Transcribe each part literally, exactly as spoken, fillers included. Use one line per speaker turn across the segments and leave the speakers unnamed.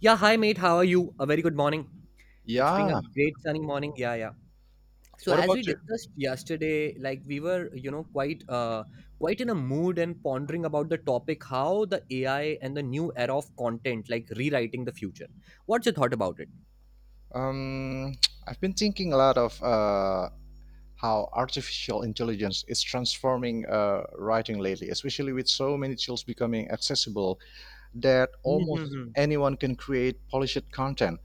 Yeah, hi mate. How are you? A very good morning. It's been a
Yeah.
great sunny morning. Yeah, yeah. So
What
as we
about you?
discussed yesterday, like we were, you know, quite uh quite in a mood and pondering about the topic how the A I and the new era of content like rewriting the future. What's your thought about it?
Um, I've been thinking a lot of uh, how artificial intelligence is transforming uh, writing lately, especially with so many tools becoming accessible that almost
Mm-hmm.
anyone can create polished content.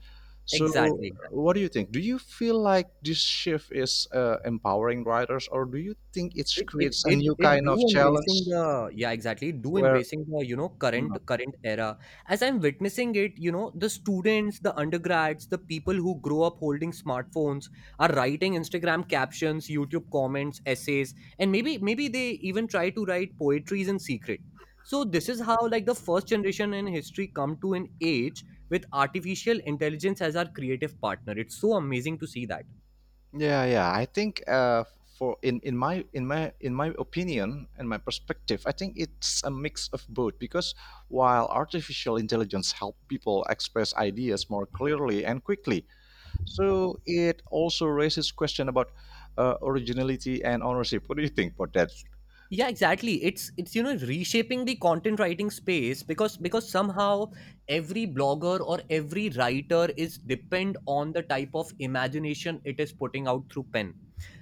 So,
Exactly.
what do you think? Do you feel like this shift is uh, empowering writers, or do you think it
it it
creates a
it
new
it
kind
do
of
embracing
challenge
the, yeah, exactly, do
where?
embracing the, you know, current
hmm,
current era. As I'm witnessing it, you know, the students, the undergrads, the people who grow up holding smartphones are writing Instagram captions, YouTube comments, essays, and maybe maybe they even try to write poetries in secret. So this is how, like, the first generation in history come to an age with artificial intelligence as our creative partner. It's so amazing to see that.
Yeah, yeah. I think uh, for in, in my in my in my opinion and my perspective, I think it's a mix of both because while artificial intelligence help people express ideas more clearly and quickly, so it also raises question about uh, originality and ownership. What do you think about that?
Yeah, exactly. It's it's, you know, reshaping the content writing space, because because somehow every blogger or every writer is depend on the type of imagination it is putting out through pen.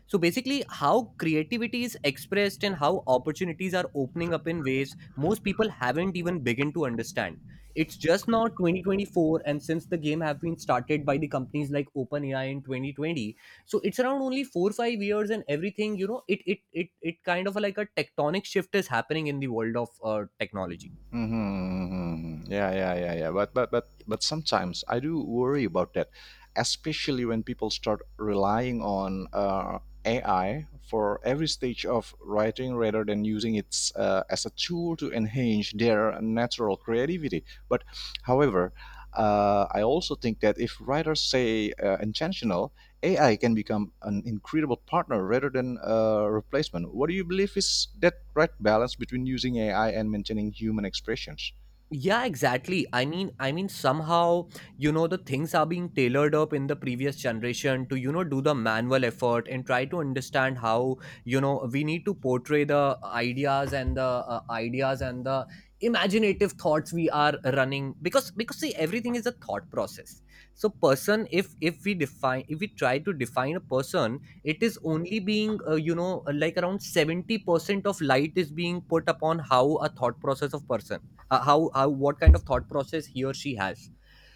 So basically how creativity is expressed and how opportunities are opening up in ways most people haven't even begin to understand. It's just now twenty twenty-four, and since the game have been started by the companies like OpenAI in twenty twenty, so it's around only four five years, and everything, you know, it it it, it kind of, like, a tectonic shift is happening in the world of uh, technology.
Mm-hmm, mm-hmm, mm-hmm. Yeah, yeah, yeah, yeah. But but but but sometimes I do worry about that, especially when people start relying on uh, A I for every stage of writing rather than using it uh, as a tool to enhance their natural creativity. But however, uh, I also think that if writers say uh, intentional A I can become an incredible partner rather than a replacement. What do you believe is that right balance between using A I and maintaining human expressions?
Yeah, exactly. I mean i mean somehow, you know, the things are being tailored up in the previous generation to, you know, do the manual effort and try to understand how, you know, we need to portray the ideas and the uh, ideas and the imaginative thoughts we are running, because because see, everything is a thought process. So person, if if we define if we try to define a person, it is only being uh, you know, like, around seventy percent of light is being put upon how a thought process of person. Uh, how how What kind of thought process he or she has?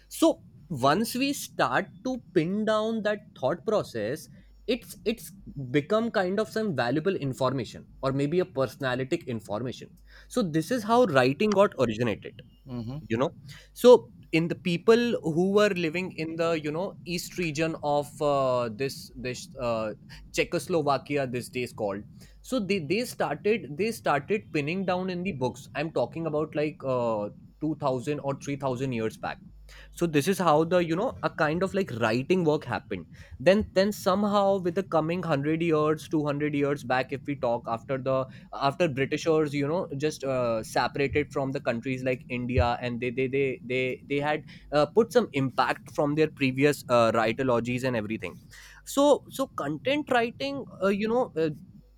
So once we start to pin down that thought process, it's it's become kind of some valuable information or maybe a personalistic information. So this is how writing got originated,
Mhm.
you know. So in the people who were living in the, you know, east region of uh, this this uh, Czechoslovakia, this day is called. So they, they started they started pinning down in the books. I'm talking about, like, uh, two thousand or three thousand years back. So this is how the, you know, a kind of, like, writing work happened. Then then somehow with the coming one hundred years, two hundred years back, if we talk after the after britishers, you know, just uh, separated from the countries like India, and they they they they, they had uh, put some impact from their previous uh, writologies and everything. So so content writing, uh, you know uh,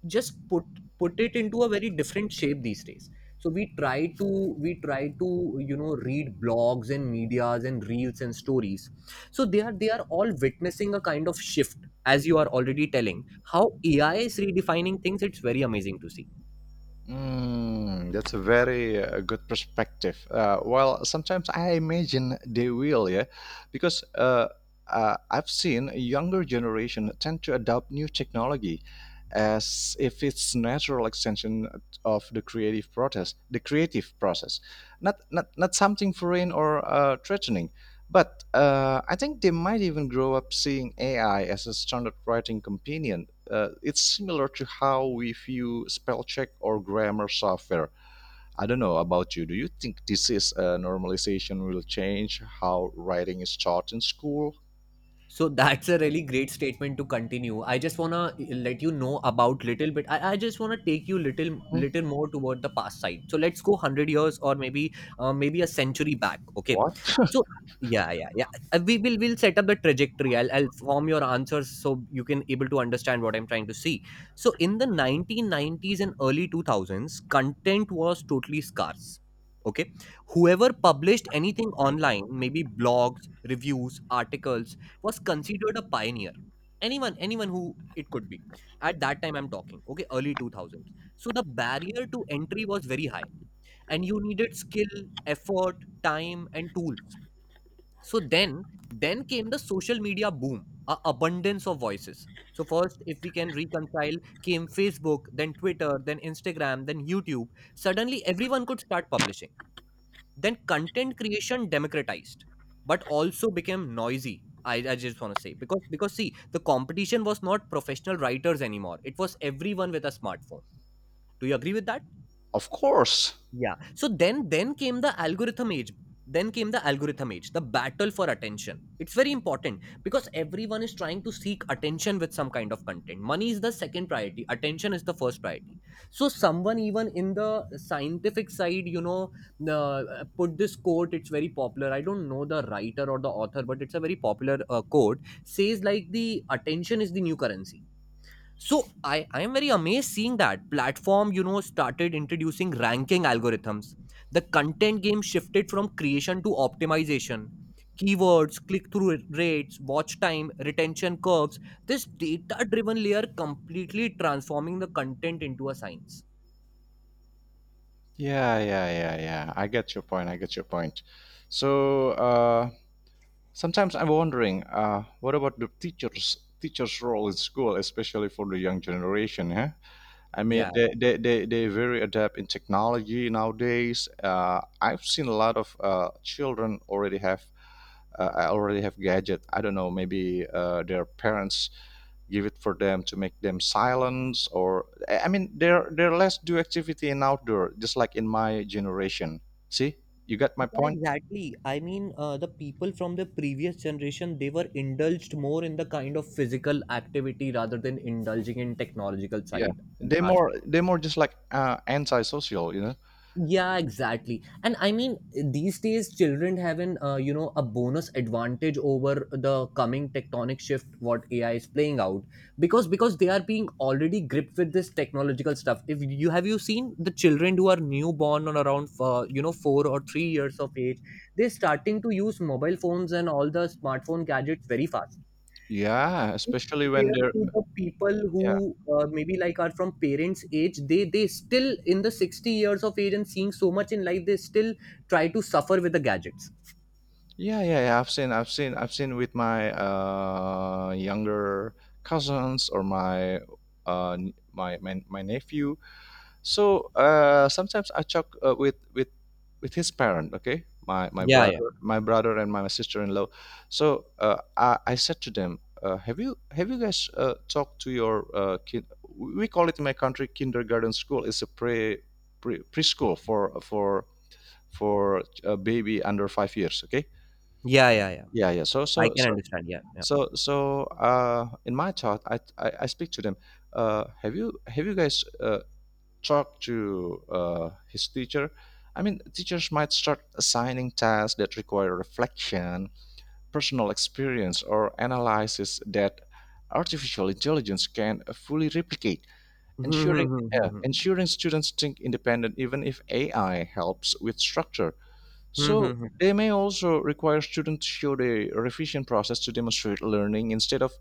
just put put it into a very different shape these days. So we try to we try to, you know, read blogs and medias and reels and stories. So they are they are all witnessing a kind of shift, as you are already telling how AI is redefining things. It's very amazing to see.
Mm, that's a very uh, good perspective. Uh, well, sometimes I imagine they will, yeah, because uh, uh, I've seen a younger generation tend to adopt new technology as if it's natural extension of the creative process, the creative process, not not not something foreign or uh, threatening. But uh, I think they might even grow up seeing A I as a standard writing companion, uh, it's similar to how we view spell check or grammar software. I don't know about you. Do you think this is a normalization will change how writing is taught in school?
So that's a really great statement to continue. I just wanna eh, let you know about little bit. I, I just wanna take you little
Hmm.
little more toward the past side. So let's go hundred years or maybe uh, maybe a century back. Okay.
What?
So yeah, yeah, yeah. Uh, We will we'll set up the trajectory. I'll I'll form your answers so you can able to understand what I'm trying to see. So in the nineteen nineties and early two thousands, content was totally scarce. Okay, whoever published anything online, maybe blogs, reviews, articles, was considered a pioneer. Anyone anyone who, it could be, at that time, I'm talking, okay, early two thousands. So the barrier to entry was very high, and you needed skill, effort, time, and tools. So then then came the social media boom, a abundance of voices. So first, if we can reconcile, came Facebook, then Twitter, then Instagram, then YouTube. Suddenly everyone could start publishing. Then content creation democratized, but also became noisy. I, I just want to say because, because see, the competition was not professional writers anymore, it was everyone with a smartphone. Do you agree with that?
Of course.
Yeah. So then then came the algorithm age. Then came the algorithm age, the battle for attention. It's very important because everyone is trying to seek attention with some kind of content. Money is the second priority, attention is the first priority. So someone even in the scientific side, you know, uh, put this quote, it's very popular. I don't know the writer or the author, but it's a very popular uh, quote, says like the attention is the new currency. So i i am very amazed seeing that platform, you know, started introducing ranking algorithms. The content game shifted from creation to optimization, keywords, click through rates, watch time, retention curves. This data driven layer completely transforming the content into a science.
Yeah, yeah, yeah, yeah. I get your point. I get your point. So uh, sometimes I'm wondering, uh, what about the teachers? Teachers' role in school, especially for the young generation, huh? I mean,
Yeah, yeah,
they they they they very adept in technology nowadays. Uh, I've seen a lot of uh, children already have uh, already have gadget. I don't know, maybe uh, their parents give it for them to make them silence or I mean they're they're less do activity in outdoor just like in my generation. See, you got my
yeah,
point.
exactly. I mean uh, the people from the previous generation, they were indulged more in the kind of physical activity rather than indulging in technological
Yeah,
side and
they more
aspect.
they more just like uh antisocial, you know.
Yeah, exactly. And I mean, these days children have an uh, you know, a bonus advantage over the coming tectonic shift what AI is playing out, because because they are being already gripped with this technological stuff. If you have, you seen the children who are newborn or around uh, you know, four or three years of age, they're starting to use mobile phones and all the smartphone gadgets very fast,
Yeah, especially when
compared
they're.
to the people
Yeah.
who uh, maybe, like, are from parents age, they they still in the sixty years of age, and seeing so much in life, they still try to suffer with the gadgets.
Yeah, yeah, yeah. I've seen I've seen I've seen with my uh younger cousins or my uh n- my my, my nephew. So uh sometimes I talk uh, with with with his parent, okay? My my
Yeah, yeah,
brother, my brother and my sister-in-law. So uh, I I said to them, uh, have you have you guys uh, talked to your uh, kid? We call it in my country kindergarten school. It's a pre, pre preschool for for for a baby under five years. Okay.
yeah, yeah, yeah.
Yeah, yeah. So,
I
so,
can
so,
understand. Yeah, yeah.
so, so, uh, in my talk, I, I, I speak to them. Uh, have you, have you guys, uh, talked to, uh, his teacher? I mean, teachers might start assigning tasks that require reflection, personal experience, or analysis that artificial intelligence can fully replicate,
Hmm, hmm,
ensuring,
hmm, hmm,
yeah,
hmm.
ensuring students think independent even if A I helps with structure.
Hmm,
So
hmm, hmm.
they may also require students to show the revision process to demonstrate learning instead of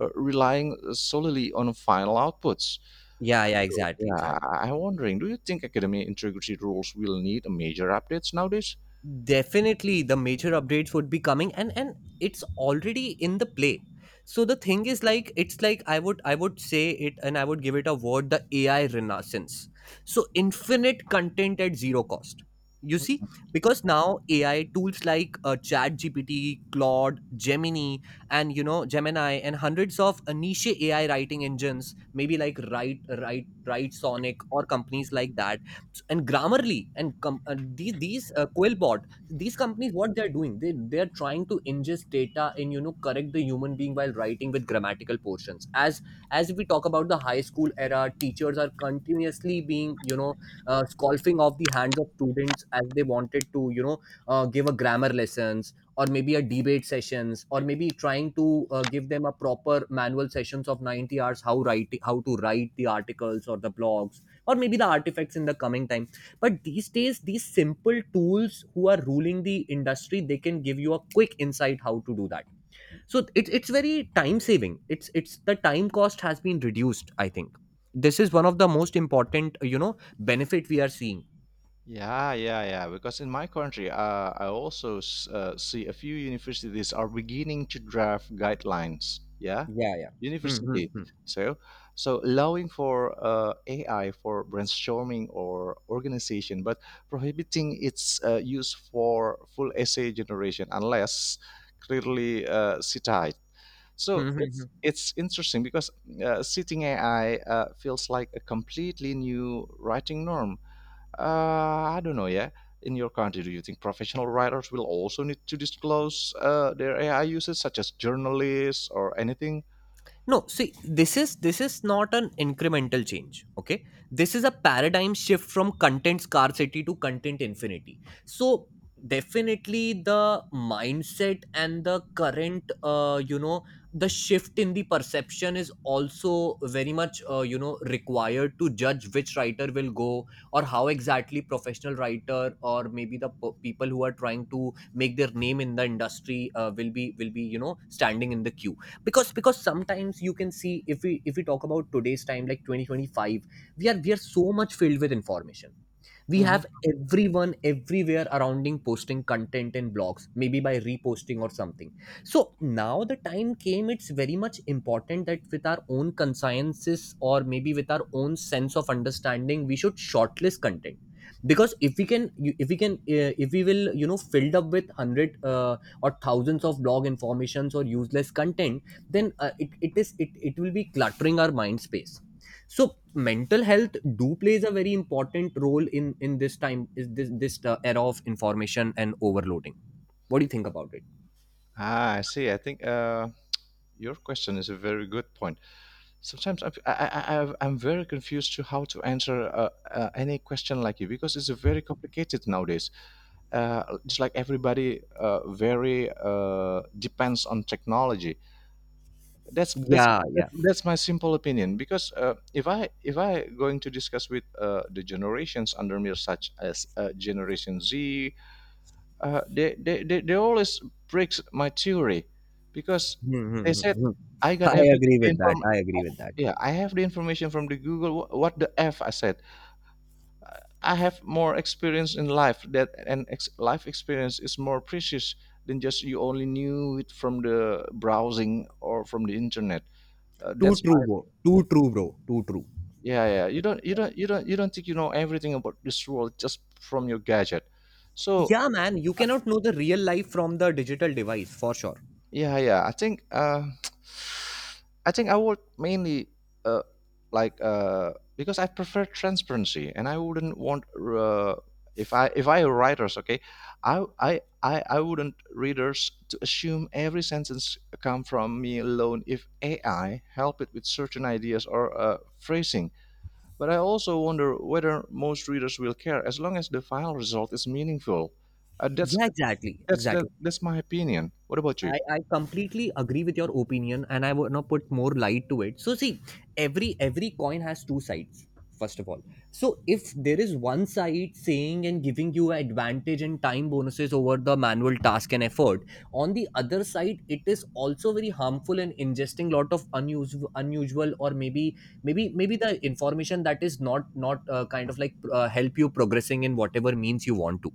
uh, relying solely on final outputs.
Yeah, yeah, exactly,
Yeah,
exactly.
I- I'm wondering, do you think academic integrity rules will need a major updates nowadays?
Definitely the major updates would be coming, and and it's already in the play. So the thing is like, it's like, i would i would say it, and I would give it a word, the AI renaissance. So infinite content at zero cost, you see, because now AI tools like uh, chat gpt claude, Gemini, and, you know, Gemini, and hundreds of uh, niche AI writing engines, maybe like write write write sonic or companies like that, and Grammarly, and com- uh, these these uh, Quillbot, these companies, what they're doing, they they're trying to ingest data and, you know, correct the human being while writing with grammatical portions. As as we talk about the high school era, teachers are continuously being, you know, uh, scoffing off the hands of students as they wanted to, you know, uh, give a grammar lessons, or maybe a debate sessions, or maybe trying to uh, give them a proper manual sessions of ninety hours how write how to write the articles or the blogs, or maybe the artifacts in the coming time. But these days these simple tools who are ruling the industry, they can give you a quick insight how to do that. So it, it's very time saving. It's it's the time cost has been reduced, I think. This is one of the most important, you know, benefit we are seeing.
Yeah, yeah, yeah. Because in my country, uh, I also s- uh, see a few universities are beginning to draft guidelines. Yeah,
Yeah, yeah. Hmm, hmm,
university.
hmm.
So, so allowing for uh, A I for brainstorming or organization, but prohibiting its uh, use for full essay generation unless clearly uh, cited. So
Hmm, hmm, hmm.
it's it's interesting because uh, sitting A I uh, feels like a completely new writing norm, uh, I don't know, yeah. In your country, do you think professional writers will also need to disclose uh, their A I uses, such as journalists or anything?
No, see, this is this is not an incremental change. Okay, this is a paradigm shift from content scarcity to content infinity. So definitely the mindset and the current, uh, you know, the shift in the perception is also very much, uh, you know, required to judge which writer will go, or how exactly professional writer, or maybe the p- people who are trying to make their name in the industry, uh, will be, will be, you know, standing in the queue. Because because sometimes you can see, if we if we talk about today's time like twenty twenty-five, we are we are so much filled with information. We have
Mhm.
everyone everywhere surrounding posting content in blogs, maybe by reposting or something. So now the time came, it's very much important that with our own consciences, or maybe with our own sense of understanding, we should shortlist content. Because if we can you- if we can uh, if we will, you know, filled up with one hundred uh, or thousands of blog informations or useless content, then uh, it, it is it, it will be cluttering our mind space. So mental health do plays a very important role in in this time is this this uh, era of information and overloading. What do you think about it?
Ah, I see. I think uh, your question is a very good point. Sometimes I'm, I, I, I- I'm very confused to how to answer uh, uh, any question like you because it's a very complicated nowadays. Uh, just like everybody, uh, very uh, depends on technology. that's that's that-
Yeah, yeah.
that's my simple opinion because uh, if i if i going to discuss with uh, the generations under me such as uh, generation Z, uh, they, they they they always breaks my theory because
Hmm, hmm,
they
hmm,
said
hmm.
I got
I
everything
agree
the
with that.
inform
I agree with that.
yeah, I have the information from the Google. Wh- what the f I said. Uh, I have more experience in life that and ex- life experience is more precious than just you only knew it from the browsing or from the internet, uh,
Too
that's
true, bro. Too true, bro. Too true.
Yeah, yeah. You don't, you don't, you don't, you don't think you know everything about this world just from your gadget. So
Yeah, man, you cannot know the real life from the digital device, for sure.
yeah, yeah. I think, uh, I think I would mainly, uh, like, uh, because I prefer transparency, and I wouldn't want, uh, if I, if I were writers, okay, I, I, I, I wouldn't readers to assume every sentence come from me alone if A I help it with certain ideas or uh, phrasing. But I also wonder whether most readers will care as long as the final result is meaningful. Uh, that's
Yeah, exactly,
that's that,
exactly.
that's my opinion. What about you?
I, I completely agree with your opinion and I want to put more light to it. So see, every every coin has two sides, first of all. So if there is one side saying and giving you advantage and time bonuses over the manual task and effort, on the other side, it is also very harmful and ingesting lot of unusual unusual or maybe maybe maybe the information that is not not uh, kind of like uh, help you progressing in whatever means you want to.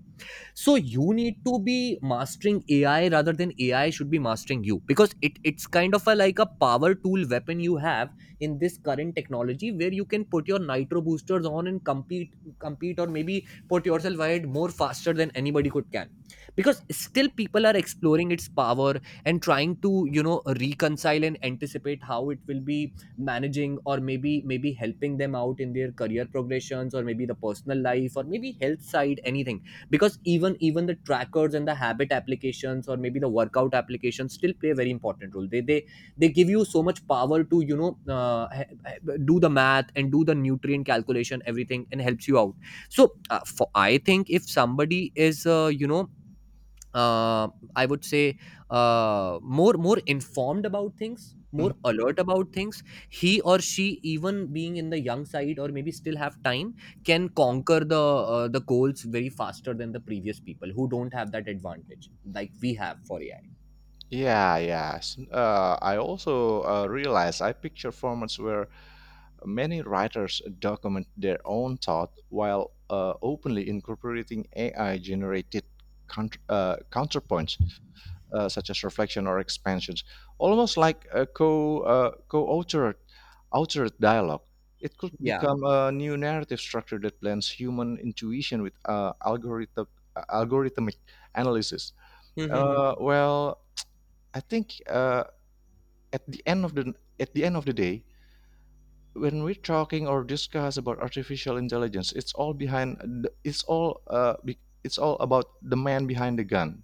So you need to be mastering AI rather than AI should be mastering you, because it it's kind of a like a power tool weapon you have in this current technology, where you can put your nitro boosters on and compete compete or maybe put yourself ahead more faster than anybody could can. Because still people are exploring its power and trying to you know reconcile and anticipate how it will be managing or maybe maybe helping them out in their career progressions or maybe the personal life or maybe health side, anything. Because even even the trackers and the habit applications or maybe the workout applications still play a very important role. They they they give you so much power to you know uh, he- he- do the math and do the nutrient calculation, everything, and helps you out. So uh, for, i think if somebody is uh, you know uh, I would say uh, more more informed about things, more
Mhm.
alert about things. He or she, even being in the young side or maybe still have time, can conquer the uh, the goals very faster than the previous people who don't have that advantage like we have for A I.
Yeah, yeah. S- Uh, I also uh, realize I picture formats where many writers document their own thought while uh, openly incorporating A I-generated coun- uh, counterpoints, uh, such as reflection or expansions, almost like a co uh, co-authored authored dialogue. It could
Yeah.
become a new narrative structure that blends human intuition with uh, algorithm algorithmic analysis.
Mm-hmm.
Uh, well, I think uh, at the end of the at the end of the day, when we're talking or discuss about artificial intelligence, it's all behind. The, it's all uh, be, It's all about the man behind the gun.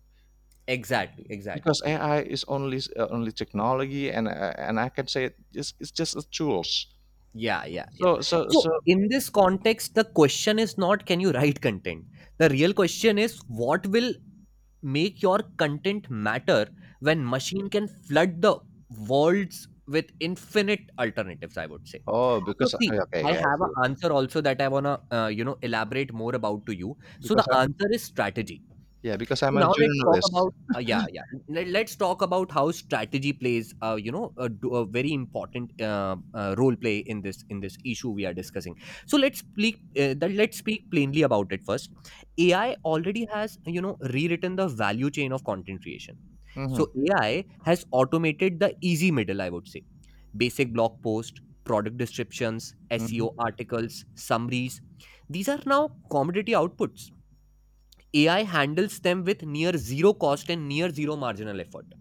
Exactly.
Because
Exactly.
A I is only uh, only technology, and uh, and I can say it, it's it's just a tools.
Yeah, yeah, yeah.
So so
So,
so.
in this context, the question is not, can you write content? The real question is, what will make your content matter when machine can flood the worlds with infinite alternatives, I would say.
Oh,
So
because
see,
okay,
I
okay, I
have an
see.
answer also that I want to uh, you know elaborate more about to you. So the
Because I,
answer is strategy.
yeah, because
So
I'm a
now let's talk
journalist.
about uh, yeah, yeah. Let, let's talk about how strategy plays uh, you know a d- a very important uh, uh, role play in this in this issue we are discussing. So let's speak uh, that let's speak plainly about it first. A I already has you know rewritten the value chain of content creation.
Mm-hmm,
So A I has automated the easy middle, I would say, basic blog post, product descriptions, S E O
mm-hmm,
articles, summaries. These are now commodity outputs. A I handles them with near zero cost and near zero marginal effort.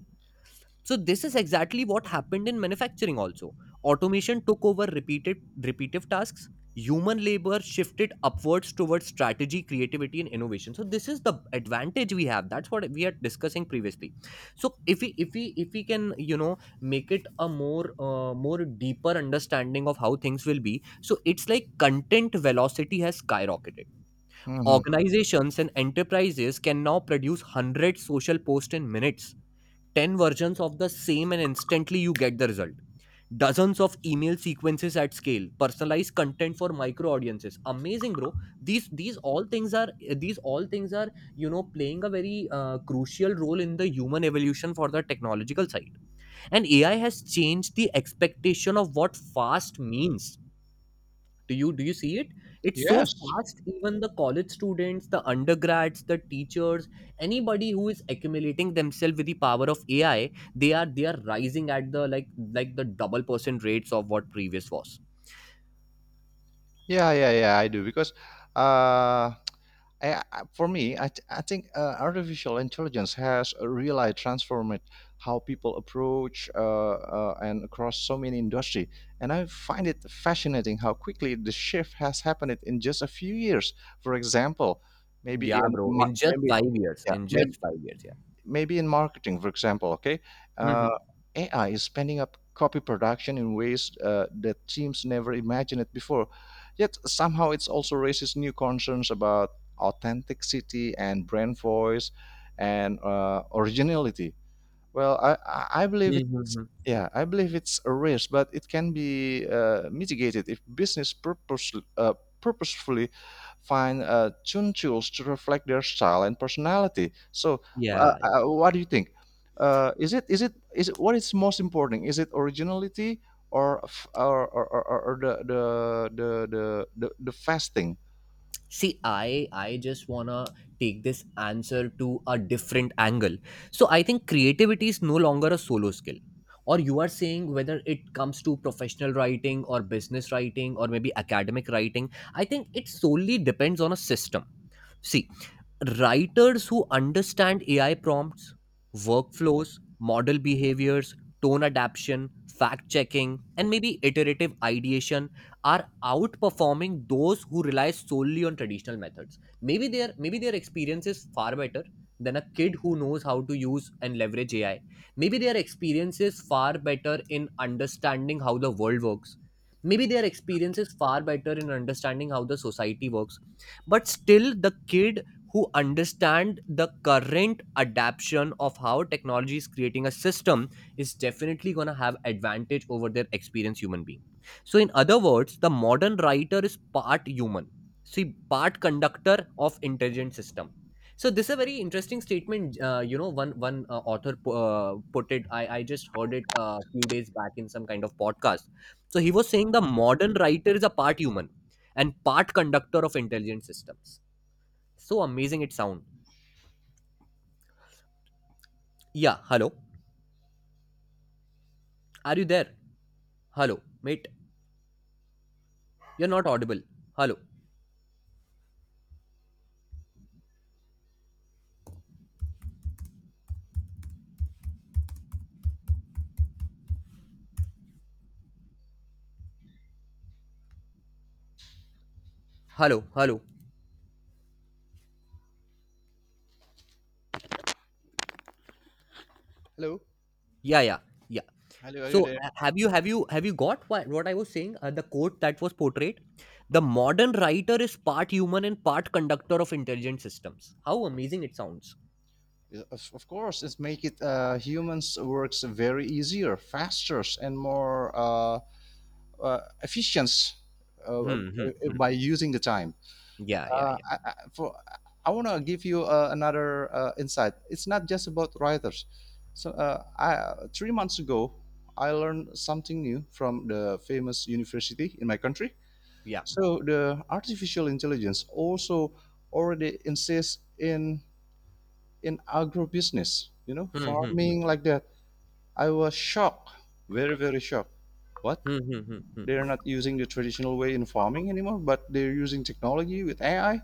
So this is exactly what happened in manufacturing also. Automation took over repeated repetitive tasks. Human labor shifted upwards towards strategy, creativity, and innovation. So this is the advantage we have. That's what we are discussing previously. So if we if we if we can you know make it a more uh, more deeper understanding of how things will be. So it's like content velocity has skyrocketed.
mm-hmm.
Organizations and enterprises can now produce one hundred social posts in minutes, ten versions of the same, and instantly you get the result. Dozens of email sequences at scale, personalized content for micro audiences. Amazing, bro. These these all things are these all things are you know playing a very uh, crucial role in the human evolution for the technological side. And A I has changed the expectation of what fast means. Do you do you see it? It's so
Yes.
fast. Even the college students, the undergrads, the teachers, anybody who is accumulating themselves with the power of A I, they are they are rising at the like like the double percent rates of what previous was.
Yeah, yeah, yeah. I do because, uh, I, I- for me, I, th- I think uh, artificial intelligence has really transformed how people approach uh, uh, and across so many industry. And I find it fascinating how quickly the shift has happened in just a few years. For example, maybe
Yeah,
in
bro.
mar-
In just
maybe
five years.
yeah
In
maybe
just five years. Yeah.
maybe in marketing, for example, okay,
Mm-hmm.
uh, A I is spending up copy production in ways uh, that teams never imagined it before. Yet somehow it also raises new concerns about authenticity and brand voice and uh, originality. Well, I, I I believe it,
Mm-hmm.
yeah, I believe it's a risk, but it can be uh, mitigated if business purpose, uh, purposefully find uh, tune tools to reflect their style and personality. So, uh,
Yeah.
uh, what do you think? Uh, is it is it is it, what is most important? Is it originality or f- or, or, or, or or the, the the the the the fasting?
See, I I just wanna take this answer to a different angle. So I think creativity is no longer a solo skill. Or you are saying, whether it comes to professional writing or business writing or maybe academic writing, I think it solely depends on a system. See, writers who understand A I prompts, workflows, model behaviors, tone adaptation, fact checking, and maybe iterative ideation are outperforming those who rely solely on traditional methods. Maybe their maybe their experience is far better than a kid who knows how to use and leverage A I. Maybe their experience is far better in understanding how the world works. Maybe their experience is far better in understanding how the society works, but still the kid who understand the current adaptation of how technology is creating a system is definitely going to have advantage over their experienced human being. So in other words, the modern writer is part human, see, part conductor of intelligent system. So this is a very interesting statement uh, you know one one uh, author pu- uh, put it. I i just heard it a few days back in some kind of podcast. So he was saying the modern writer is a part human and part conductor of intelligent systems. So amazing it sound. Yeah, hello. Are you there? Hello, mate. You're not audible. Hello. Hello, hello.
Hello,
Yeah, yeah, yeah.
hello, are you
So
there?
uh, have you have you have you got what, what I was saying? Uh, the quote that was portrayed. The modern writer is part human and part conductor of intelligent systems. How amazing it sounds.
Yeah, Of of course, it's make it uh, humans works very easier, faster, and more uh, uh, efficient uh, uh,
Hmm, hmm, hmm.
by using the time.
Yeah, yeah,
Uh,
yeah,
I, I, for I want to give you uh, another uh, insight. It's not just about writers. So uh, I, Three months ago, I learned something new from the famous university in my country.
yeah.
So the artificial intelligence also already exists in in agrobusiness, you know,
Hmm, hmm, hmm,
farming like that. I was shocked, very very shocked. What?
hmm, hmm, hmm. Hmm.
They're not using the traditional way in farming anymore, but they're using technology with A I.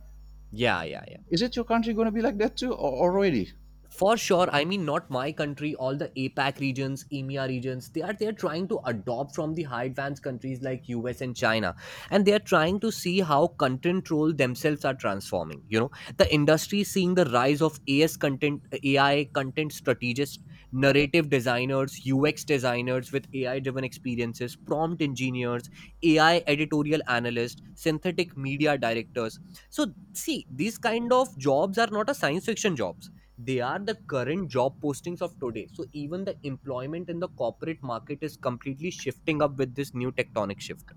Yeah, yeah, yeah.
Is it your country going to be like that too, or already?
For sure, I mean, not my country, all the APAC regions, EMEA regions, they are they are trying to adopt from the high advanced countries like U S and China. And they are trying to see how content role themselves are transforming. You know, the industry is seeing the rise of A S content, A I content strategists, narrative designers, U X designers with A I driven experiences, prompt engineers, A I editorial analysts, synthetic media directors. So see, these kind of jobs are not a science fiction jobs. They are the current job postings of today. So even the employment in the corporate market is completely shifting up with this new tectonic shift.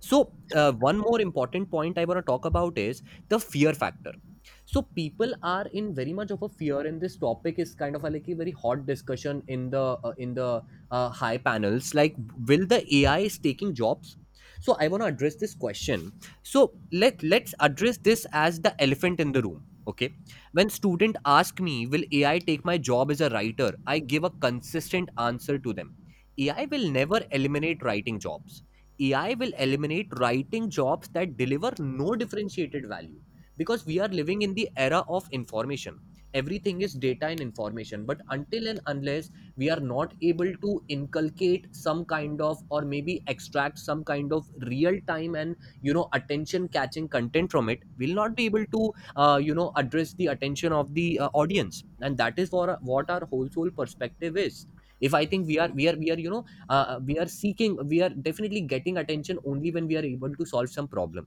So uh, one more important point I want to talk about is the fear factor. So people are in very much of a fear, and this topic is kind of a, like a very hot discussion in the uh, in the uh, high panels. Like, will the A I is taking jobs? So I want to address this question. So let let's address this as the elephant in the room. Okay, when student ask me, will A I take my job as a writer? I give a consistent answer to them. A I will never eliminate writing jobs. A I will eliminate writing jobs that deliver no differentiated value, because we are living in the era of information. Everything is data and information, but until and unless we are not able to inculcate some kind of or maybe extract some kind of real time and you know attention catching content from it, we'll not be able to uh, you know address the attention of the uh, audience, and that is for what our whole soul perspective is. If I think we are we are we are you know uh, we are seeking, we are definitely getting attention only when we are able to solve some problem.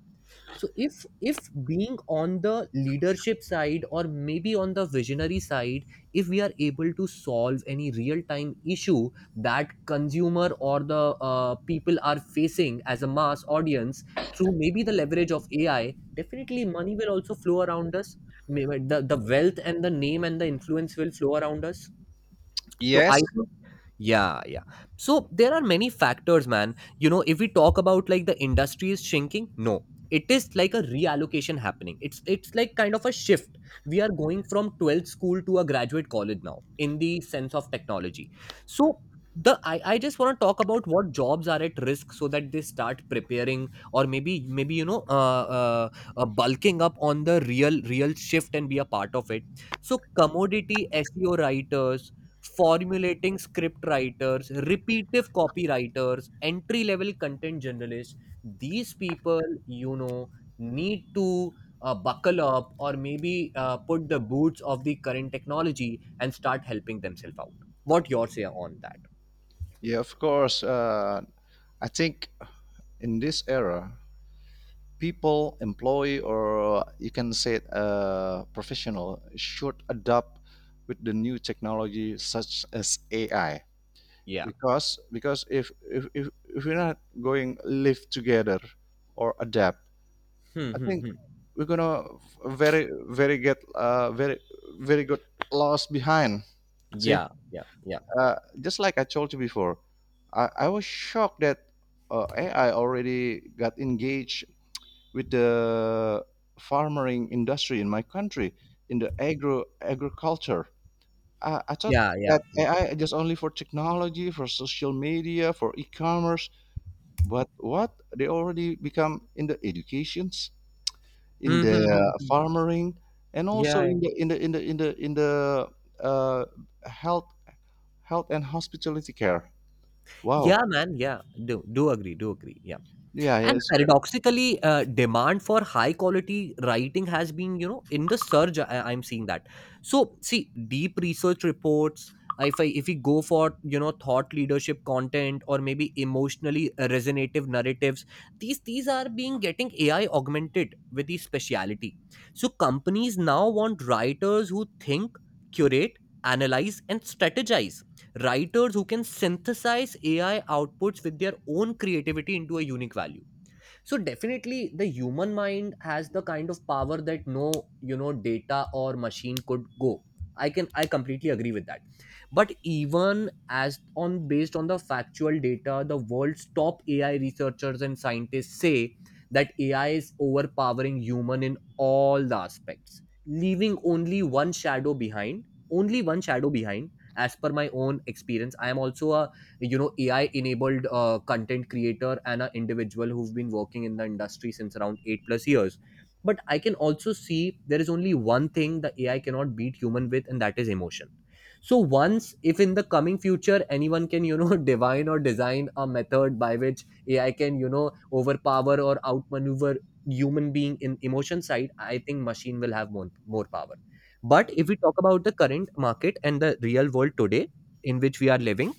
So if if being on the leadership side or maybe on the visionary side, if we are able to solve any real time issue that consumer or the uh, people are facing as a mass audience through maybe the leverage of AI, definitely money will also flow around us. Maybe the, the wealth and the name and the influence will flow around us. So I,
Yes.
yeah, yeah. So there are many factors, man. You know, if we talk about like the industry is shrinking, no. It is like a reallocation happening. It's it's like kind of a shift. We are going from twelfth school to a graduate college now in the sense of technology. So the I, I just want to talk about what jobs are at risk so that they start preparing or maybe maybe you know uh, uh, uh bulking up on the real real shift and be a part of it. So commodity S E O writers, formulating script writers, repetitive copywriters, entry level content journalists. These people, you know, need to uh, buckle up or maybe uh, put the boots of the current technology and start helping themselves out. What your say on that?
Yeah, of course. Uh, I think in this era, people, employee, or uh, you can say it, uh, professional should adapt with the new technology such as A I.
Yeah.
Because because if if if, if we're not going live together or adapt,
Hmm,
I
hmm,
think
hmm.
we're gonna very very get uh, very very good lost behind. See,
Yeah. Yeah. Yeah.
uh, just like I told you before, I, I was shocked that uh, A I already got engaged with the farming industry in my country in the agro agriculture. I, I thought
Yeah. Yeah.
that
Yeah.
A I just only for technology, for social media, for e-commerce, but what they already become in the educations, in
Hmm,
the
hmm, hmm, hmm.
farming, and
Yeah.
also
Yeah,
in the in the in the in the in the uh, health health and hospitality care.
yeah,
Wow.
man. Yeah. Do do agree. Do agree. Yeah.
Yeah, yeah,
And
it's better.
paradoxically, uh, demand for high quality writing has been, you know, in the surge. I, I'm seeing that. So, see, deep research reports. If I if we go for you know thought leadership content or maybe emotionally resonative narratives, these these are being getting A I augmented with the speciality. So companies now want writers who think, curate, analyze, and strategize, writers who can synthesize A I outputs with their own creativity into a unique value. So definitely the human mind has the kind of power that no, you know, data or machine could go. I can i completely agree with that. But even as on based on the factual data, the world's top AI researchers and scientists say that AI is overpowering human in all the aspects, leaving only one shadow behind. Only one shadow behind. As per my own experience, I am also a, you know, AI enabled uh, content creator and an individual who've been working in the industry since around eight plus years. But I can also see there is only one thing the AI cannot beat human with, and that is emotion. So once, if in the coming future anyone can you know divine or design a method by which AI can you know overpower or outmaneuver human being in emotion side, I think machine will have more, more power. But if we talk about the current market and the real world today, in which we are living,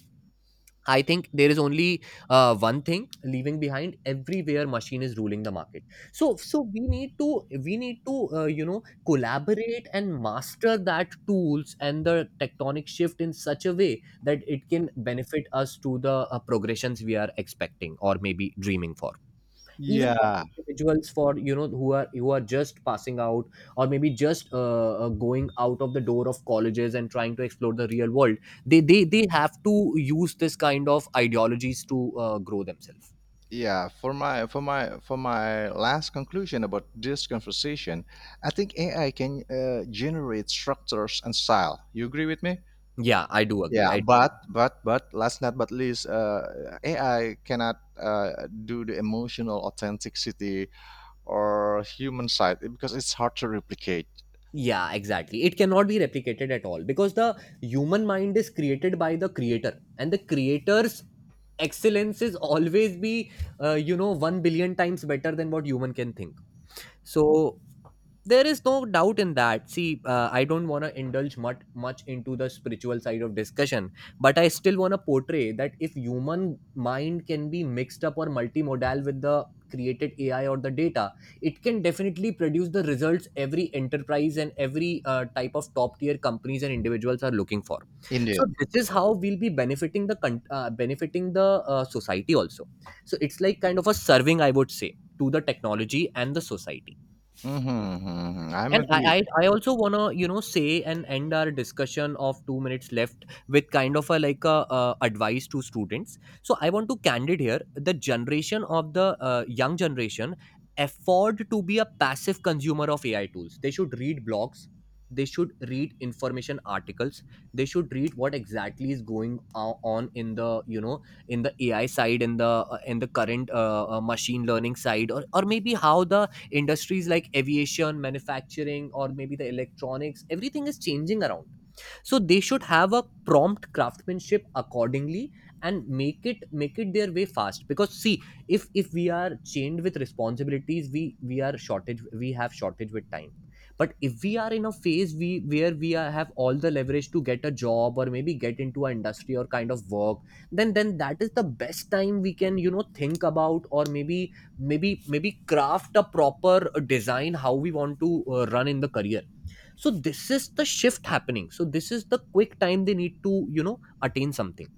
I think there is only uh, one thing leaving behind. Everywhere machine is ruling the market. So so we need to we need to uh, you know, collaborate and master that tools and the tectonic shift in such a way that it can benefit us to the uh, progressions we are expecting or maybe dreaming for. Even for
Yeah.
individuals, for you know, who are who are just passing out or maybe just uh, uh, going out of the door of colleges and trying to explore the real world. They they, they have to use this kind of ideologies to uh, grow themselves.
Yeah, for my for my for my last conclusion about this conversation, I think AI can uh, generate structures and style, you agree with me?
Yeah, I do agree.
Yeah,
I do agree.
but but but last not but least, uh, AI cannot uh, do the emotional authenticity or human side because it's hard to replicate.
Yeah, exactly, it cannot be replicated at all, because the human mind is created by the creator, and the creator's excellence is always be uh, you know, one billion times better than what human can think. So there is no doubt in that. See, uh, I don't want to indulge much much into the spiritual side of discussion, but I still want to portray that if human mind can be mixed up or multimodal with the created AI or the data, it can definitely produce the results every enterprise and every uh, type of top tier companies and individuals are looking for. So
Indeed.
this is how we'll be benefiting the con- uh, benefiting the uh, society also. So it's like kind of a serving, I would say, to the technology and the society.
Mm-hmm, mm-hmm. I'm
And
agree.
I, I, I also wanna you know say and end our discussion of two minutes left with kind of a like a uh, advice to students. So I want to candid here. The generation of the uh, young generation afford to be a passive consumer of A I tools. They should read blogs. They should read information articles. They should read what exactly is going o- on in the you know, in the A I side, in the uh, in the current uh, uh, machine learning side, or or maybe how the industries like aviation, manufacturing, or maybe the electronics, everything is changing around. So they should have a prompt craftsmanship accordingly, and make it make it their way fast. Because see, if if we are chained with responsibilities, we we are shortage, we have shortage with time. But if we are in a phase we where we are, have all the leverage to get a job or maybe get into an industry or kind of work, then then that is the best time we can you know think about, or maybe maybe maybe craft a proper uh, design how we want to uh, run in the career. So this is the shift happening. So this is the quick time they need to you know attain something.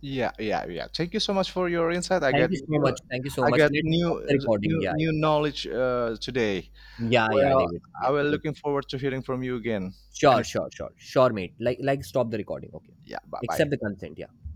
Yeah, yeah, yeah, thank you so much for your insight. I
Thank
got
you so
new,
much. Thank you so
i
much.
got
Let's
new
stop the recording.
new
Yeah.
new knowledge uh, today.
Yeah yeah yeah
Well,
David. Yeah,
I will
yeah.
looking forward to hearing from you again. And
sure
it's
sure sure sure mate. Like like, stop the recording, okay?
yeah, bye
Accept the
bye.
consent, yeah.